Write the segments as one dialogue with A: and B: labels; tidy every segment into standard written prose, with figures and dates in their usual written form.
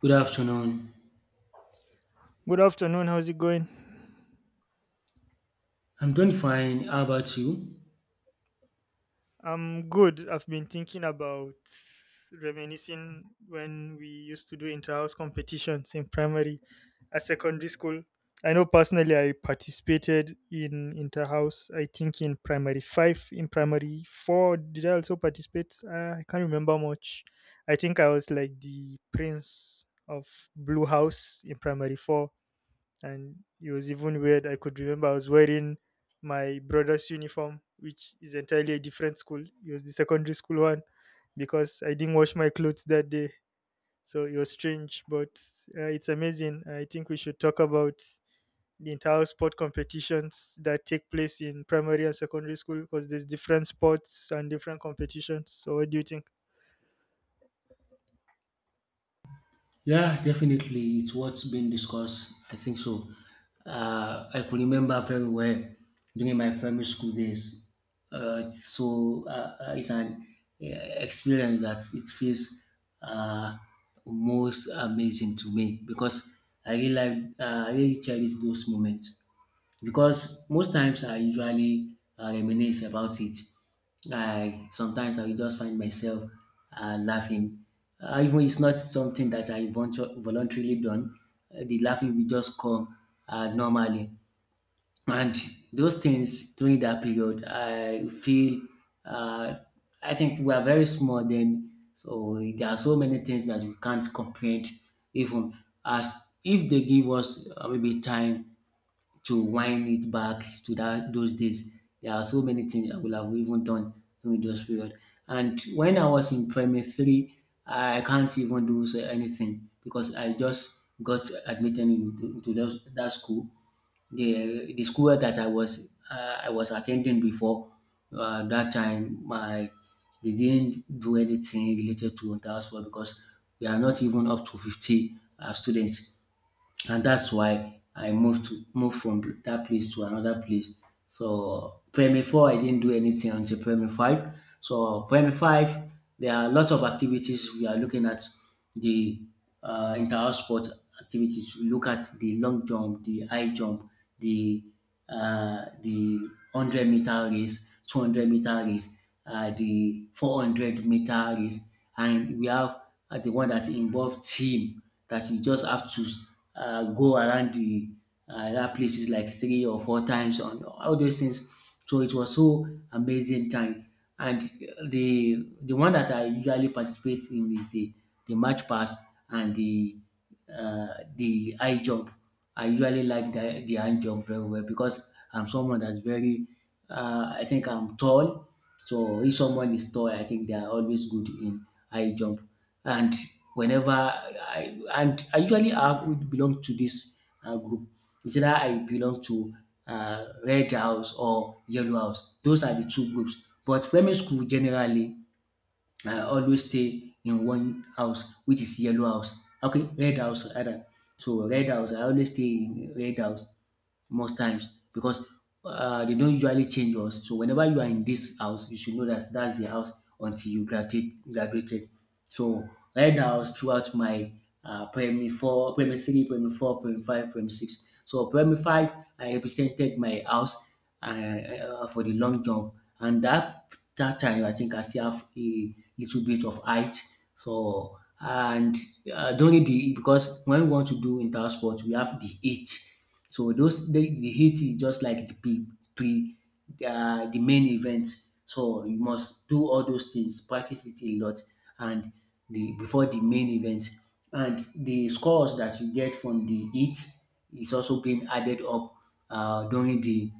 A: Good afternoon.
B: Good afternoon. How's it going?
A: I'm doing fine. How about you?
B: I'm good. I've been thinking about reminiscing when we used to do inter-house competitions in primary at secondary school. I know personally I participated in inter-house. I think in primary 5, in primary 4 did I also participate? I can't remember much. I think I was like the prince of blue house in primary 4, and it was even weird. I could remember I was wearing my brother's uniform, which is entirely a different school. It was the secondary school one because I didn't wash my clothes that day. So it was strange, but it's amazing. I think we should talk about the entire sport competitions that take place in primary and secondary school because there's different sports and different competitions. So what do you think?
A: Yeah, definitely. It's what's been discussed. I think so. I could remember very well during my primary school days. It's an experience that it feels uh, most amazing to me because I really cherish those moments. Because most times I usually reminisce about it. I sometimes I will just find myself laughing, even it's not something that voluntarily done. The laughing will just come normally. And those things during that period, I feel uh, I think we are very small then, so there are so many things that we can't comprehend. Even as if they give us maybe time to wind it back to that those days. There are so many things I would have even done during those period. And when I was in primary three, I can't even do so anything because I just got admitted into that school. The school that I was attending before, that time, my they didn't do anything related to that school because we are not even up to 50 students, and that's why I moved to moved from that place to another place. So primary four, I didn't do anything until primary five. So primary five, there are a lot of activities. We are looking at the inter-house sport activities. We look at the long jump, the high jump, the the 100 meter race, 200 meter race, the 400 meter race, and we have the one that involve team that you just have to go around the that places like three or four times on all those things. So it was so amazing time. And the one that I usually participate in is the match pass and uh, the high jump. I usually like the high jump very well because I'm someone that's very I think I'm tall. So if someone is tall, I think they are always good in I jump. And whenever I and I usually I would belong to this group. It's either I belong to red house or yellow house. Those are the two groups. But primary school generally, I always stay in one house, which is yellow house. Okay, red house rather. So red house, I always stay in red house most times because they don't usually change us. So whenever you are in this house, you should know that that's the house until you graduated. So right now, throughout my primary four, primary three, primary four, primary five, primary six. So primary five, I represented my house for the long jump, and that time I think I still have a little bit of height. So and during the, because when we want to do inter sport, we have the age. So those the heat is just like the pre, pre the main event. So you must do all those things, practice it a lot, and the before the main event. And the scores that you get from the heat is also being added up during the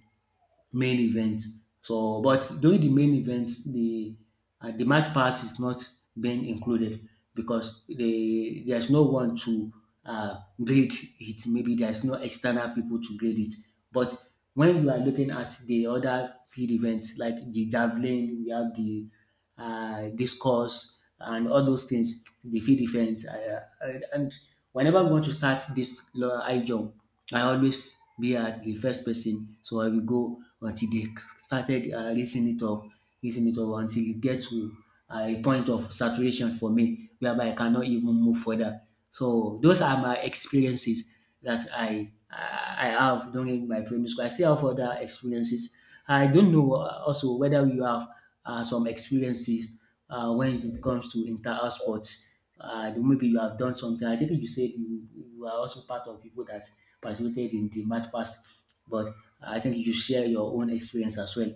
A: main event. So, but during the main event, the match pass is not being included because there's no one to grade it. Maybe there's no external people to grade it. But when you are looking at the other field events like the javelin, we have the discourse and all those things, the field events, and whenever we want to start this high jump, I always be at the first person. So I will go until they started raising it up until it get to a point of saturation for me, whereby I cannot even move further. So those are my experiences that I have during my primary school. I still have other experiences. I don't know also whether you have some experiences when it comes to inter-house sports. Maybe you have done something. I think you said you are also part of people that participated in the math pass, but I think you should share your own experience as well.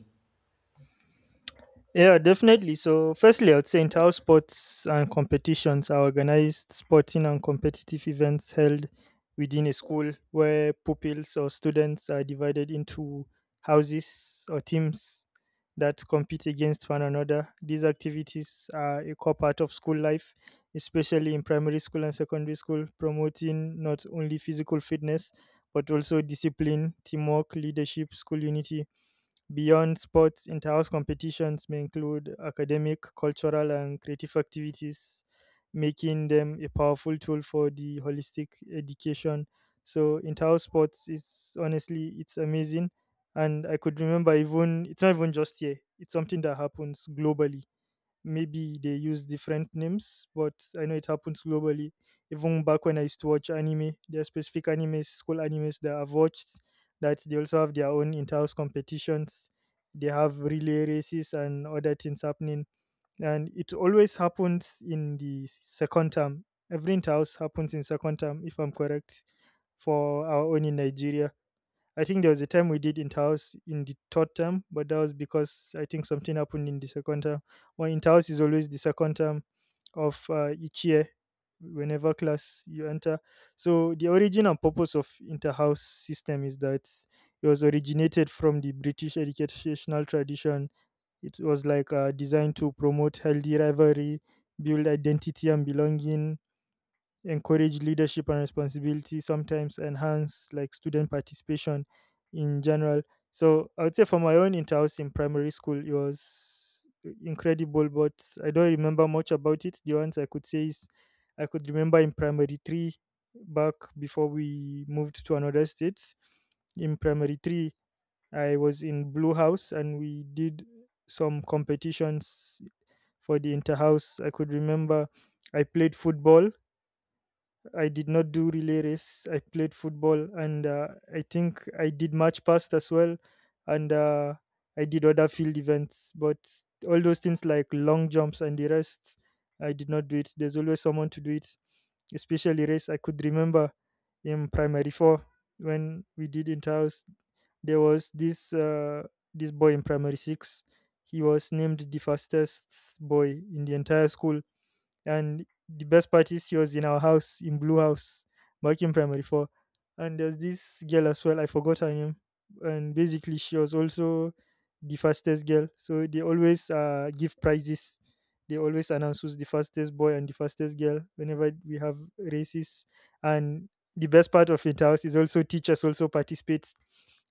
B: Yeah, definitely. So, firstly, I would say inter sports and competitions are organized sporting and competitive events held within a school where pupils or students are divided into houses or teams that compete against one another. These activities are a core part of school life, especially in primary school and secondary school, promoting not only physical fitness but also discipline, teamwork, leadership, school unity. Beyond sports, inter-house competitions may include academic, cultural, and creative activities, making them a powerful tool for the holistic education. So inter-house sports is honestly it's amazing, and I could remember even it's not even just here; it's something that happens globally. Maybe they use different names, but I know it happens globally. Even back when I used to watch anime, there are specific animes, school animes that I've watched that they also have their own inter-house competitions. They have relay races and other things happening. And it always happens in the second term. Every inter-house happens in second term, if I'm correct, for our own in Nigeria. I think there was a time we did inter house in the third term, but that was because I think something happened in the second term. Well, house is always the second term of each year, whenever class you enter. So the origin and purpose of inter house system is that it was originated from the British educational tradition. It was like designed to promote healthy rivalry, build identity and belonging, encourage leadership and responsibility, sometimes enhance like student participation in general. So I would say for my own in-house in primary school, it was incredible, but I don't remember much about it. The ones I could say is I could remember in primary three, back before we moved to another state. In primary three, I was in blue house and we did some competitions for the inter house. I could remember I played football. I did not do relay race. I played football, and I think I did match past as well, and I did other field events. But all those things like long jumps and the rest, I did not do it. There's always someone to do it, especially race. I could remember in primary four when we did interhouse, there was this this boy in primary six. He was named the fastest boy in the entire school, and the best part is, she was in our house in Blue House back in primary four. And there's this girl as well, I forgot her name. And basically she was also the fastest girl. So they always give prizes. They always announce who's the fastest boy and the fastest girl whenever we have races. And the best part of it house is also teachers also participate.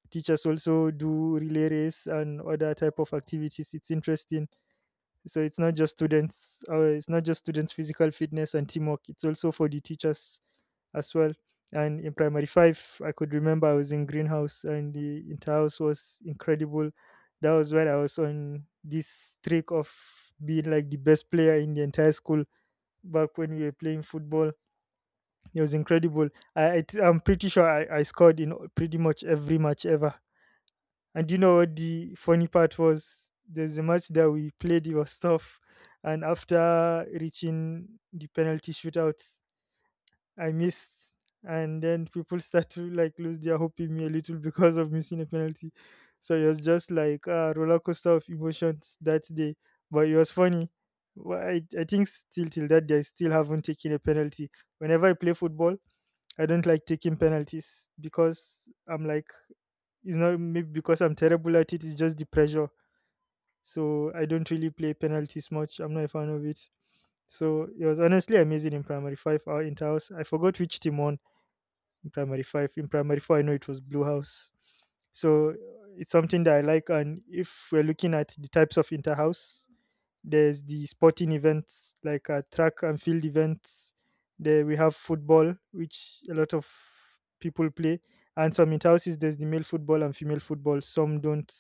B: Teachers also do relay race and other type of activities. It's interesting, so it's not just students, it's not just students' physical fitness and teamwork. It's also for the teachers as well. And in primary five, I could remember I was in greenhouse and the entire house was incredible. That was when I was on this streak of being like the best player in the entire school back when we were playing football. It was incredible. I am pretty sure I scored in pretty much every match ever. And you know what the funny part was? There's a match that we played, it was tough. And after reaching the penalty shootout, I missed. And then people start to like lose their hope in me a little because of missing a penalty. So it was just like a roller coaster of emotions that day. But it was funny. I think still till that day, I still haven't taken a penalty. Whenever I play football, I don't like taking penalties because I'm like it's not maybe because I'm terrible at it, it's just the pressure. So I don't really play penalties much. I'm not a fan of it. So it was honestly amazing in primary five. Our inter house. I forgot which team won in primary five. In primary four, I know it was Blue House. So it's something that I like. And if we're looking at the types of inter house, there's the sporting events like track and field events. There we have football, which a lot of people play, and some in houses there's the male football and female football, some don't.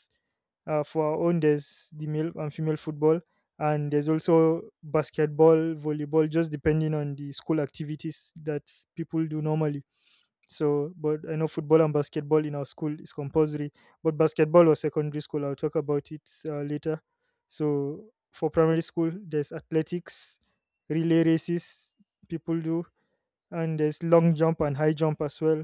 B: For our own, there's the male and female football, and there's also basketball, volleyball, just depending on the school activities that people do normally. So, but I know football and basketball in our school is compulsory, but basketball was secondary school. I'll talk about it later. So, for primary school, there's athletics, relay races, people do, and there's long jump and high jump as well.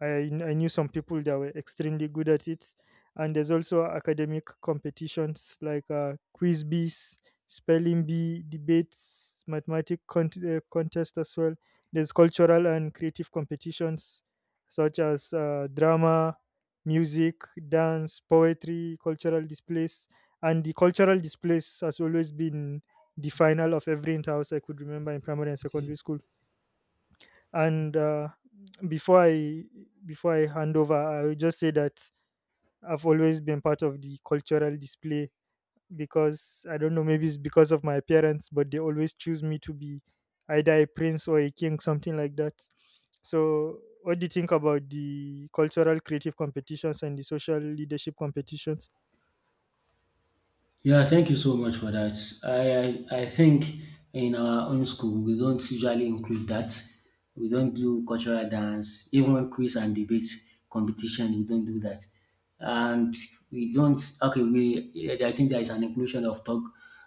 B: I knew some people that were extremely good at it. And there's also academic competitions like quiz bees, spelling bee, debates, contest as well. There's cultural and creative competitions such as drama, music, dance, poetry, cultural displays. And the cultural displays has always been the final of every in house I could remember in primary and secondary school, and before i before I hand over, I will just say that I've always been part of the cultural display because I don't know, maybe it's because of my appearance, but they always choose me to be either a prince or a king, something like that. So what do you think about the cultural creative competitions and the social leadership competitions?
A: Yeah, thank you so much for that. I think in our own school, we don't usually include that. We don't do cultural dance, even quiz and debate competition, we don't do that. And we don't, okay, we, I think there is an inclusion of tug,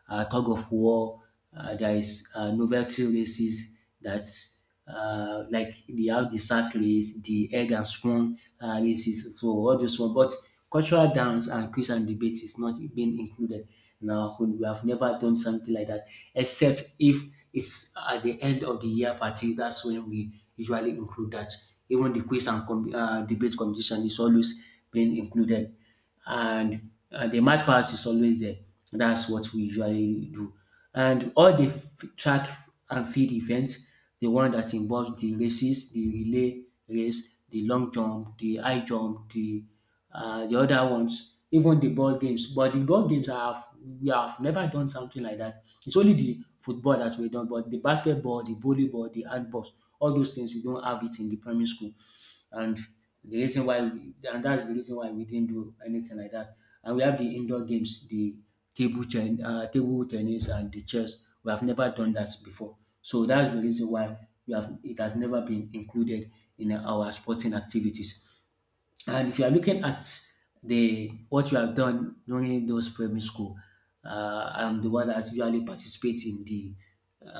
A: uh, tug of war. There is novelty races, that like they have the sack race, the egg and spoon races, so all those one. But cultural dance and quiz and debate is not being included. Now we have never done something like that, except if it's at the end of the year party. That's when we usually include that. Even the quiz and debate competition is always being included, and the math pass is always there. That's what we usually do. And all the track and field events, the one that involves the races, the relay race, the long jump, the high jump, the other ones, even the ball games. But the ball games, I have we have never done something like that. It's only the football that we done, but the basketball, the volleyball, the handballs, all those things we don't have it in the primary school. and and that's the reason why we didn't do anything like that. And we have the indoor games, the table tennis and the chess. We have never done that before, so that's the reason why we have it has never been included in our sporting activities. And if you are looking at the what you have done during those primary school, I'm the one that usually participates in the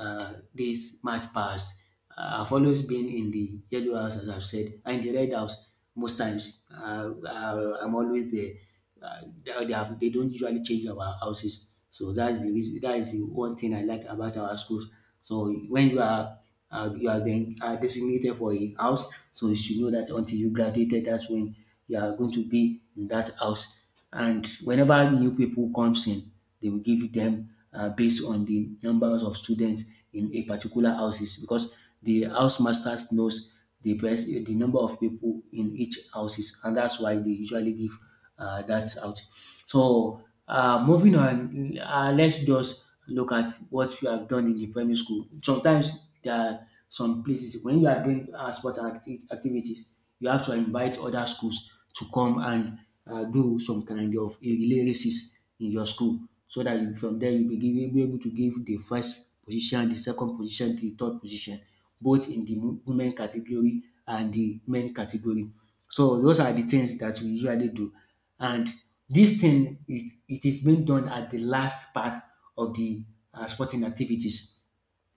A: this march past. I've always been in the yellow house, as I've said, and the red house most times. I'm always there. They don't usually change our houses, so that's the reason. That is the one thing I like about our schools. So when you have been designated for a house, so you should know that until you graduated, that's when you are going to be in that house. And whenever new people comes in, they will give them based on the numbers of students in a particular houses because the house masters knows the best, the number of people in each houses, and that's why they usually give that out. So moving on, let's just look at what you have done in the primary school. Sometimes there are some places when you are doing sports and activities, you have to invite other schools to come and do some kind of a relay races in your school, so that from there be able to give the first position, the second position, the third position both in the women category and the men category. So those are the things that we usually do. And this thing, it is being done at the last part of the sporting activities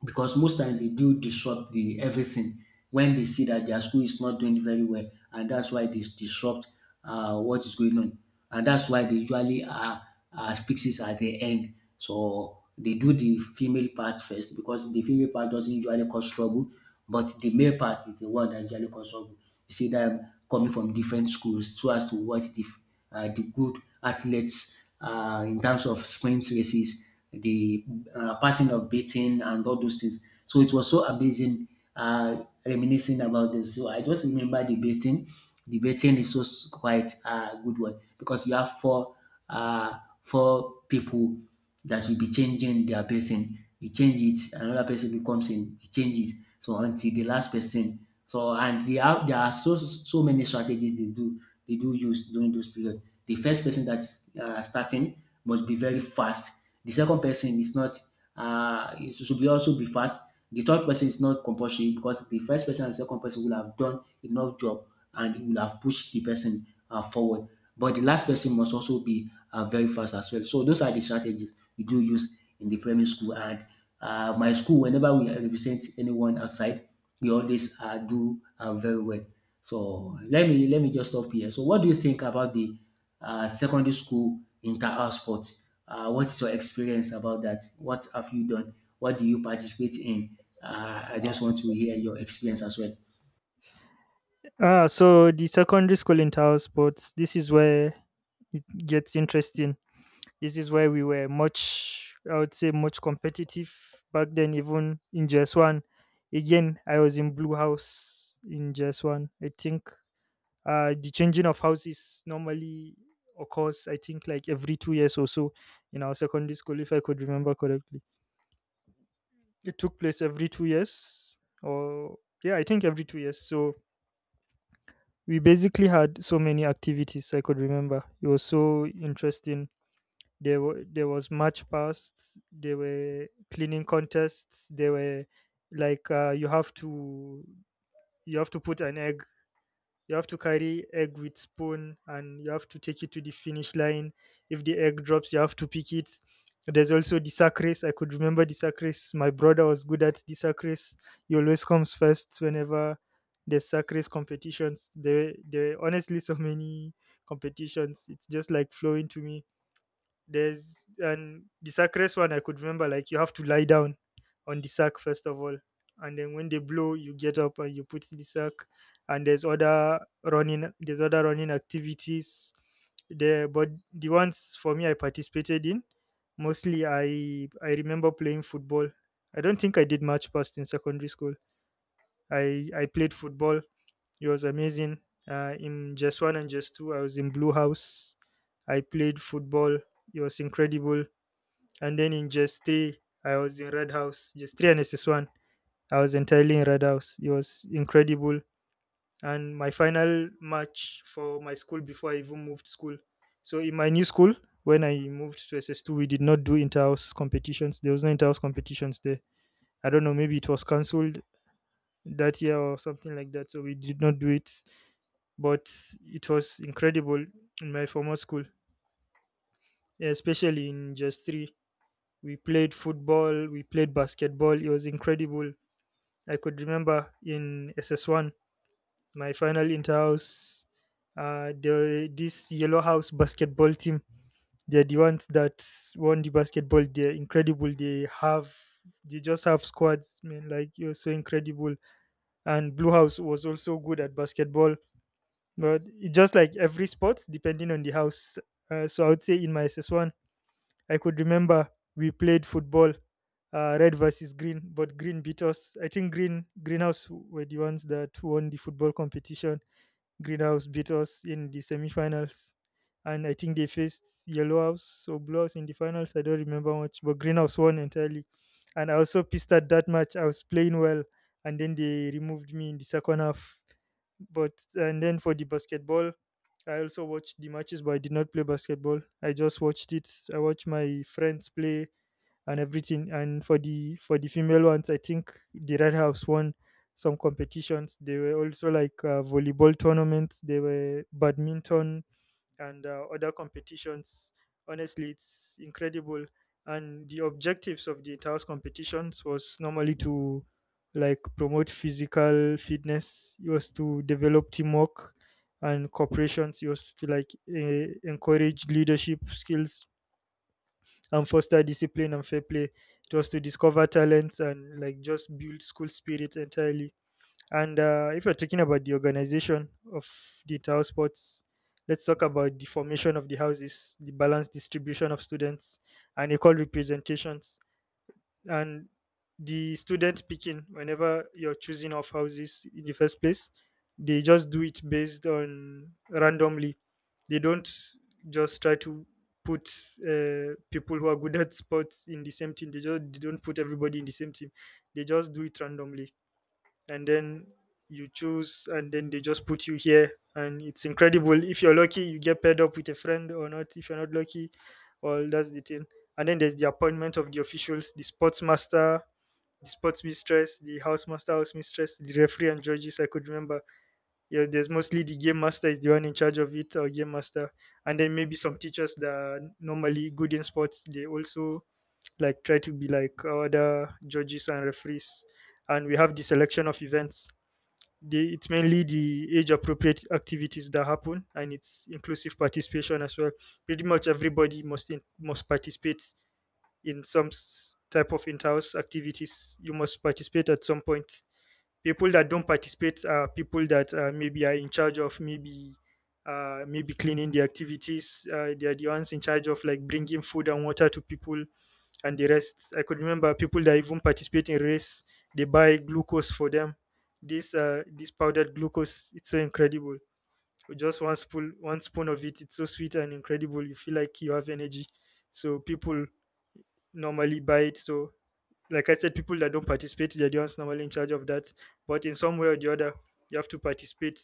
A: because most time they do disrupt the everything when they see that their school is not doing very well, and that's why they disrupt what is going on, and that's why they usually are fixes at the end. So they do the female part first because the female part doesn't usually cause trouble, but the male part is the one that usually cause trouble. You see them coming from different schools so as to watch the good athletes in terms of sprint races, the passing of baton and all those things. So it was so amazing reminiscing about this. So I just remember the baton. The baton is so quite a good one because you have uh, four people that will be changing their person. You change it, another person will comes in, you change it. So until the last person. So and they have there are so many strategies they do use during those period. The first person that's starting must be very fast. The second person is not, it should be also be fast. The third person is not compulsory because the first person and second person will have done enough job and it will have pushed the person forward. But the last person must also be very fast as well. So those are the strategies we do use in the primary school. And my school, whenever we represent anyone outside, we always do very well. So let me just stop here. So what do you think about the secondary school inter-house sports? What's your experience about that? What have you done? What do you participate in? I just want to hear your experience as well.
B: Ah, so the secondary school in tower sports. This is where it gets interesting. This is why we were much, I would say, much competitive back then, even in JS1. Again, I was in Blue House in JS1. I think the changing of houses normally occurs, I think, like every two years or so in our secondary school, if I could remember correctly. It took place every two years, or yeah, I think every two years. So we basically had so many activities I could remember. It was so interesting. There was match past. There were cleaning contests. There were like you have to put an egg. You have to carry egg with spoon, and you have to take it to the finish line. If the egg drops, you have to pick it. There's also the sack race. I could remember the sack race. My brother was good at the sack race. He always comes first whenever there's sack race competitions. There are honestly so many competitions. It's just like flowing to me there's, and the sack race one I could remember like you have to lie down on the sack first of all, and then when they blow, you get up and you put the sack. And there's other running activities there, but the ones for me I participated in mostly I remember playing football. I don't think I did much past in secondary school. I played football. It was amazing. In just one and just two, I was in Blue House. I played football. It was incredible. And then in just three, I was in Red House, just three and SS1. I was entirely in Red House. It was incredible. And my final match for my school before I even moved school. So in my new school, when I moved to SS2, we did not do inter-house competitions. There was no inter-house competitions there. I don't know, maybe it was cancelled that year or something like that. So we did not do it. But it was incredible in my former school, especially in just three. We played football, we played basketball. It was incredible. I could remember in SS1, my final inter-house, this yellow house basketball team, they're the ones that won the basketball. They're incredible. They just have squads, man. Like it was so incredible. And Blue House was also good at basketball, but it just like every sport, depending on the house. So I would say in my SS1, I could remember we played football, red versus green, but green beat us. I think greenhouse were the ones that won the football competition. Greenhouse beat us in the semifinals, and I think they faced yellow house or blue house in the finals. I don't remember much, but greenhouse won entirely. And I was so pissed at that match. I was playing well, and then they removed me in the second half. But and then for the basketball, I also watched the matches, but I did not play basketball. I just watched it. I watched my friends play and everything. And for the female ones, I think the Red House won some competitions. They were also like volleyball tournaments. They were badminton and other competitions. Honestly, it's incredible. And the objectives of the entire competitions was normally to like promote physical fitness. It was to develop teamwork and corporations. It was to encourage leadership skills and foster discipline and fair play. It was to discover talents and like just build school spirit entirely, and if you're talking about the organization of the entire sports, let's talk about the formation of the houses, the balanced distribution of students, and equal representations, and the student picking. Whenever you're choosing of houses in the first place, they just do it based on randomly. They don't just try to put people who are good at sports in the same team. They don't put everybody in the same team. They just do it randomly, and then you choose and then they just put you here, and it's incredible. If you're lucky you get paired up with a friend, or not if you're not lucky. Well, that's the thing. And then there's the appointment of the officials, the sports master, the sports mistress, the house master, house mistress, the referee and judges. I could remember, yeah, there's mostly the game master is the one in charge of it, or game master. And then maybe some teachers that are normally good in sports, they also like try to be like other judges and referees. And we have the selection of events, it's mainly the age appropriate activities that happen, and it's inclusive participation as well. Pretty much everybody must must participate in some type of in-house activities. You must participate at some point. People that don't participate are people that maybe are in charge of maybe maybe cleaning the activities. They are the ones in charge of like bringing food and water to people and the rest. I could remember people that even participate in race, they buy glucose for them. This this powdered glucose, it's so incredible. With just one spoon of it, it's so sweet and incredible. You feel like you have energy. So people normally buy it. So like I said, people that don't participate, they're the ones normally in charge of that. But in some way or the other, you have to participate.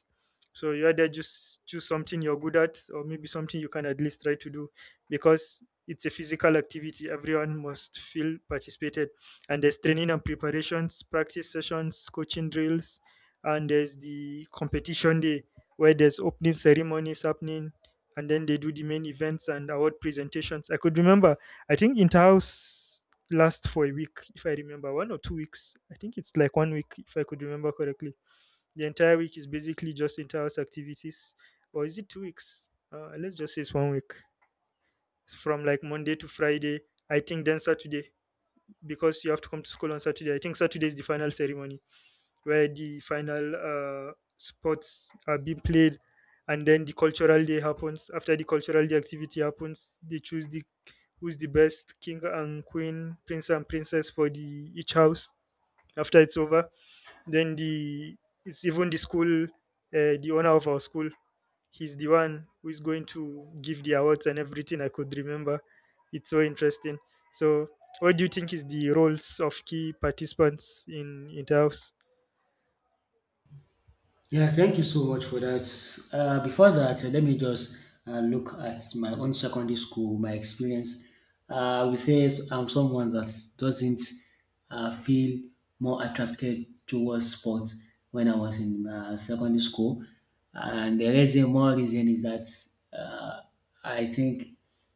B: So you either just choose something you're good at, or maybe something you can at least try to do, because it's a physical activity. Everyone must feel participated, and there's training and preparations, practice sessions, coaching drills, and there's the competition day where there's opening ceremonies happening, and then they do the main events and award presentations. I could remember, I think Interhouse last for a week. If I remember, 1 or 2 weeks. I think it's like 1 week, if I could remember correctly. The entire week is basically just inter-house activities. Or is it 2 weeks? Let's just say it's 1 week. It's from like monday to friday, I think, then saturday, because you have to come to school on saturday. I think saturday is the final ceremony where the final sports are being played, and then the cultural day happens. After the cultural day activity happens, they choose the who's the best king and queen, prince and princess for the each house, after it's over. Then the it's even the school, the owner of our school. He's the one who is going to give the awards and everything. I could remember. It's so interesting. So, what do you think is the roles of key participants in the house?
A: Yeah, thank you so much for that. Before that, let me just look at my own secondary school, my experience. We say I'm someone that doesn't feel more attracted towards sports when I was in secondary school. And the reason, more reason is that I think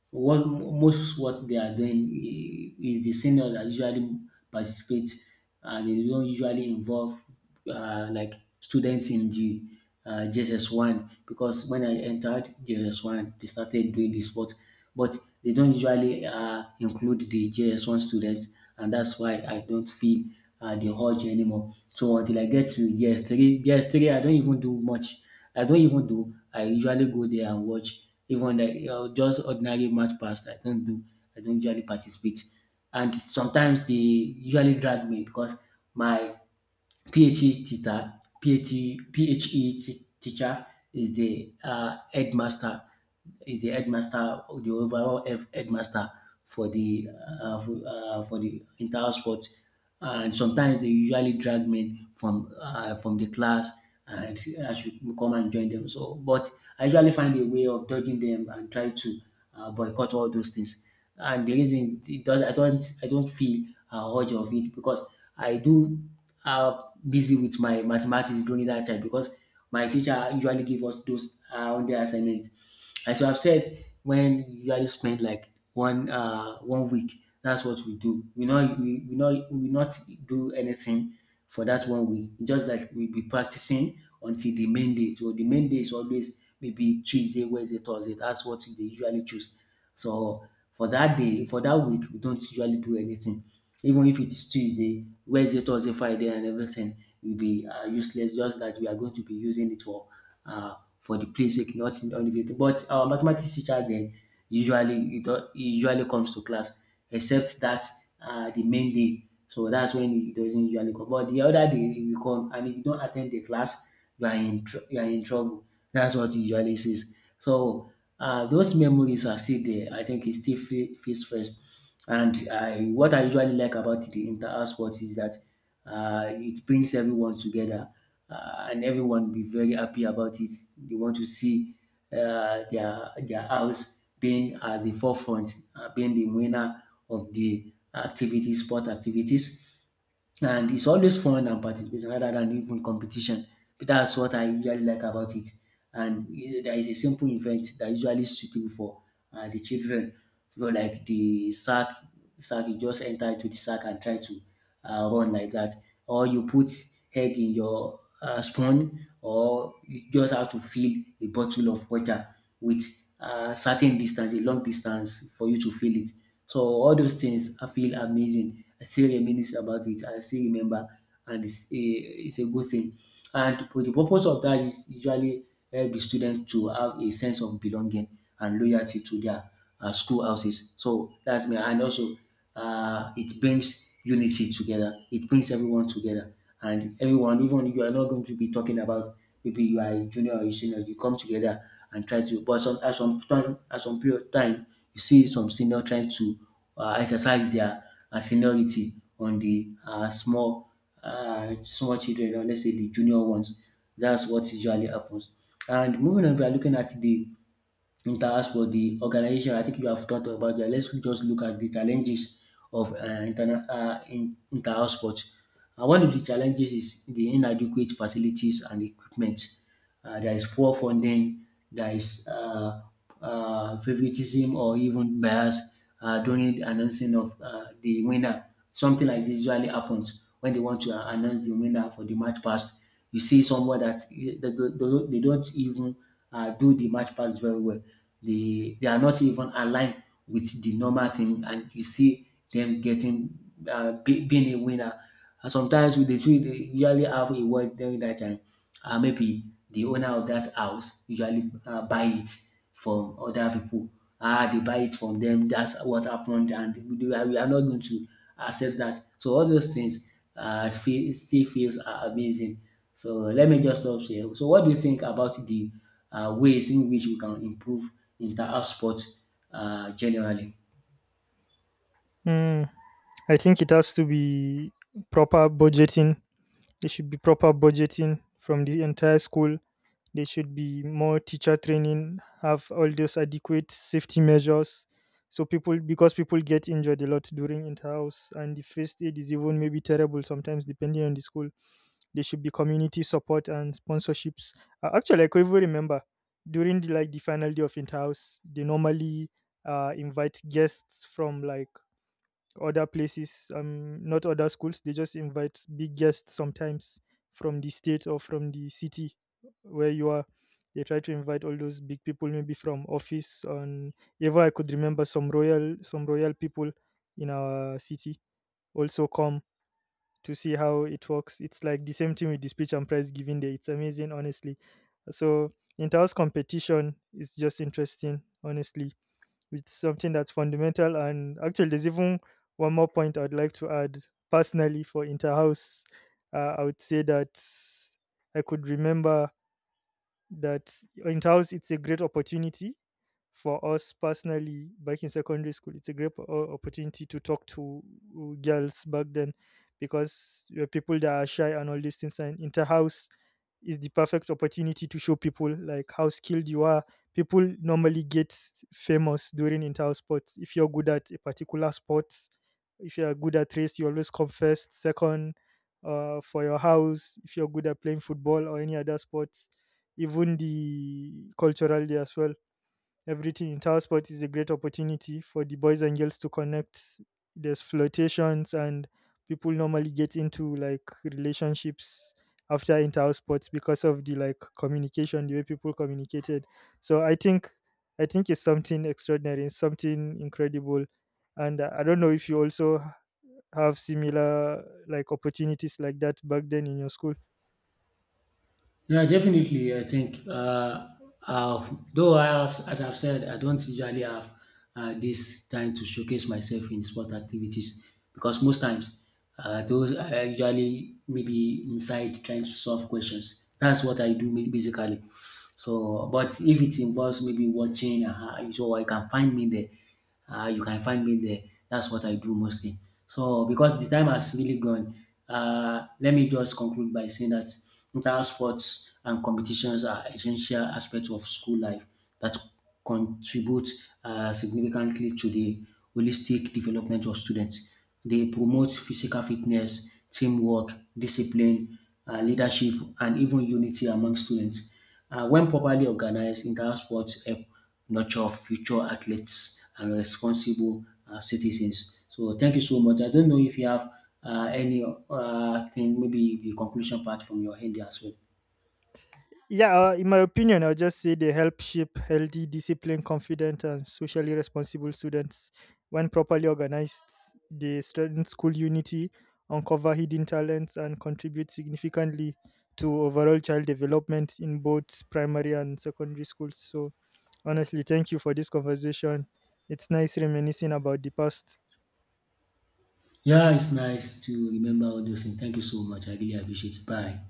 A: what they are doing is the seniors that usually participate, and they don't usually involve like students in the JSS1, because when I entered JSS1 they started doing the sport, but they don't usually include the JS1 students, and that's why I don't feel the urge anymore. So until I get to JS3, I don't even do much. I don't even do. I usually go there and watch, even like just ordinary match pass I don't do. I don't usually participate, and sometimes they usually drag me because my PHE teacher, teacher is the headmaster, the overall headmaster for the for the entire sport. And sometimes they usually drag men from the class, and I should come and join them. So, but I usually find a way of dodging them and try to boycott all those things. And the reason it does, I don't feel urge of it, because I do uh, busy with my mathematics during that time, because my teacher usually give us those on the assignments. And so I have said, when you already spend like one week, that's what we do. We not do anything for that 1 week. It's just like we be practicing until the main day. So the main day is always maybe Tuesday, Wednesday, Thursday. That's what they usually choose. So for that day, for that week, we don't usually do anything. Even if it's Tuesday, Wednesday, Thursday, Friday, and everything will be useless. Just that we are going to be using it uh, for the basic, not in elevator. But our mathematics teacher then usually he usually comes to class, except that the main day. So that's when he doesn't usually come. But the other day he will come, and if you don't attend the class, you are in you are in trouble. That's what he usually says. So those memories are still there. I think he still feels fresh. And I what I usually like about the inter-house sports is that it brings everyone together, and everyone will be very happy about it. They want to see their house being at the forefront, being the winner of the activities, sport activities, and it's always fun and participation rather than even competition. But that's what I usually like about it. And eh, there is a simple event that usually suitable for the children. You know, like the sack, sack you just enter into the sack and try to run like that. Or you put egg in your spoon, or you just have to fill a bottle of water with a certain distance, a long distance for you to fill it. So all those things I feel amazing. I still reminisce about it. I still remember, and it's a good thing. And for the purpose of that is usually help the student to have a sense of belonging and loyalty to their school houses. So that's me. And also, it brings unity together. It brings everyone together, and everyone, even you are not going to be talking about, maybe you are a junior or a senior, you come together and try to, but some at some time at some period of time you see some senior trying to exercise their seniority on the small small children, or let's say the junior ones. That's what usually happens. And moving on, we are looking at the, and as for the organization, I think you have talked about that. Let's just look at the challenges of inter-house sports. One of the challenges is the inadequate facilities and equipment. There is poor funding, there is favoritism or even bias during announcing of the winner. Something like this usually happens when they want to announce the winner for the match past. You see somewhere that they don't even do the match pass very well. They are not even aligned with the normal thing, and you see them getting being a winner. And sometimes with the two, they usually have a word during that time. Maybe the owner of that house usually buy it from other people. Ah, they buy it from them. That's what happened, and we are not going to accept that. So all those things still feels amazing. So let me just stop here. So what do you think about the ways in which we can improve inter-house sports generally?
B: Hmm, I think it has to be proper budgeting. There should be proper budgeting from the entire school. There should be more teacher training, have all those adequate safety measures. So people, because people get injured a lot during inter-house, and the first aid is even maybe terrible sometimes, depending on the school. There should be community support and sponsorships. Actually, I can even remember during the like the final day of inter-house, they normally invite guests from like other places, not other schools. They just invite big guests sometimes from the state or from the city where you are. They try to invite all those big people, maybe from office. And ever I could remember some royal people in our city also come to see how it works. It's like the same thing with the speech and prize giving day. It's amazing, honestly. So inter house competition is just interesting, honestly, it's something that's fundamental. And actually, there's even one more point I'd like to add. Personally, for Interhouse, I would say that I could remember that Interhouse, it's a great opportunity for us personally back in secondary school. It's a great opportunity to talk to girls back then, because you're people that are shy and all these things, and inter-house is the perfect opportunity to show people like how skilled you are. People normally get famous during inter-house sports. If you're good at a particular sport, if you're good at race, you always come first, second, for your house. If you're good at playing football or any other sports, even the cultural day as well. Everything in tower sports is a great opportunity for the boys and girls to connect. There's flirtations, and people normally get into like relationships after inter sports because of the like communication, the way people communicated. So I think it's something extraordinary, it's something incredible. And I don't know if you also have similar like opportunities like that back then in your school.
A: Yeah, definitely. I think, though I have, as I've said, I don't usually have this time to showcase myself in sport activities, because most times those are usually maybe inside trying to solve questions. That's what I do basically. So, but if it involves maybe watching, so I can find me there. You can find me there. That's what I do mostly. So, because the time has really gone, let me just conclude by saying that inter sports and competitions are essential aspects of school life that contribute significantly to the holistic development of students. They promote physical fitness, teamwork, discipline, leadership, and even unity among students. When properly organized, inter-house sports help nurture future athletes and responsible citizens. So thank you so much. I don't know if you have any thing, maybe the conclusion part from your end as well.
B: Yeah, in my opinion, I'll just say they help shape healthy, disciplined, confident, and socially responsible students. When properly organized, they strengthen school unity, uncover hidden talents, and contribute significantly to overall child development in both primary and secondary schools. So, honestly, thank you for this conversation. It's nice reminiscing about the past.
A: Yeah, it's nice to remember all those things. Thank you so much. I really appreciate it. Bye.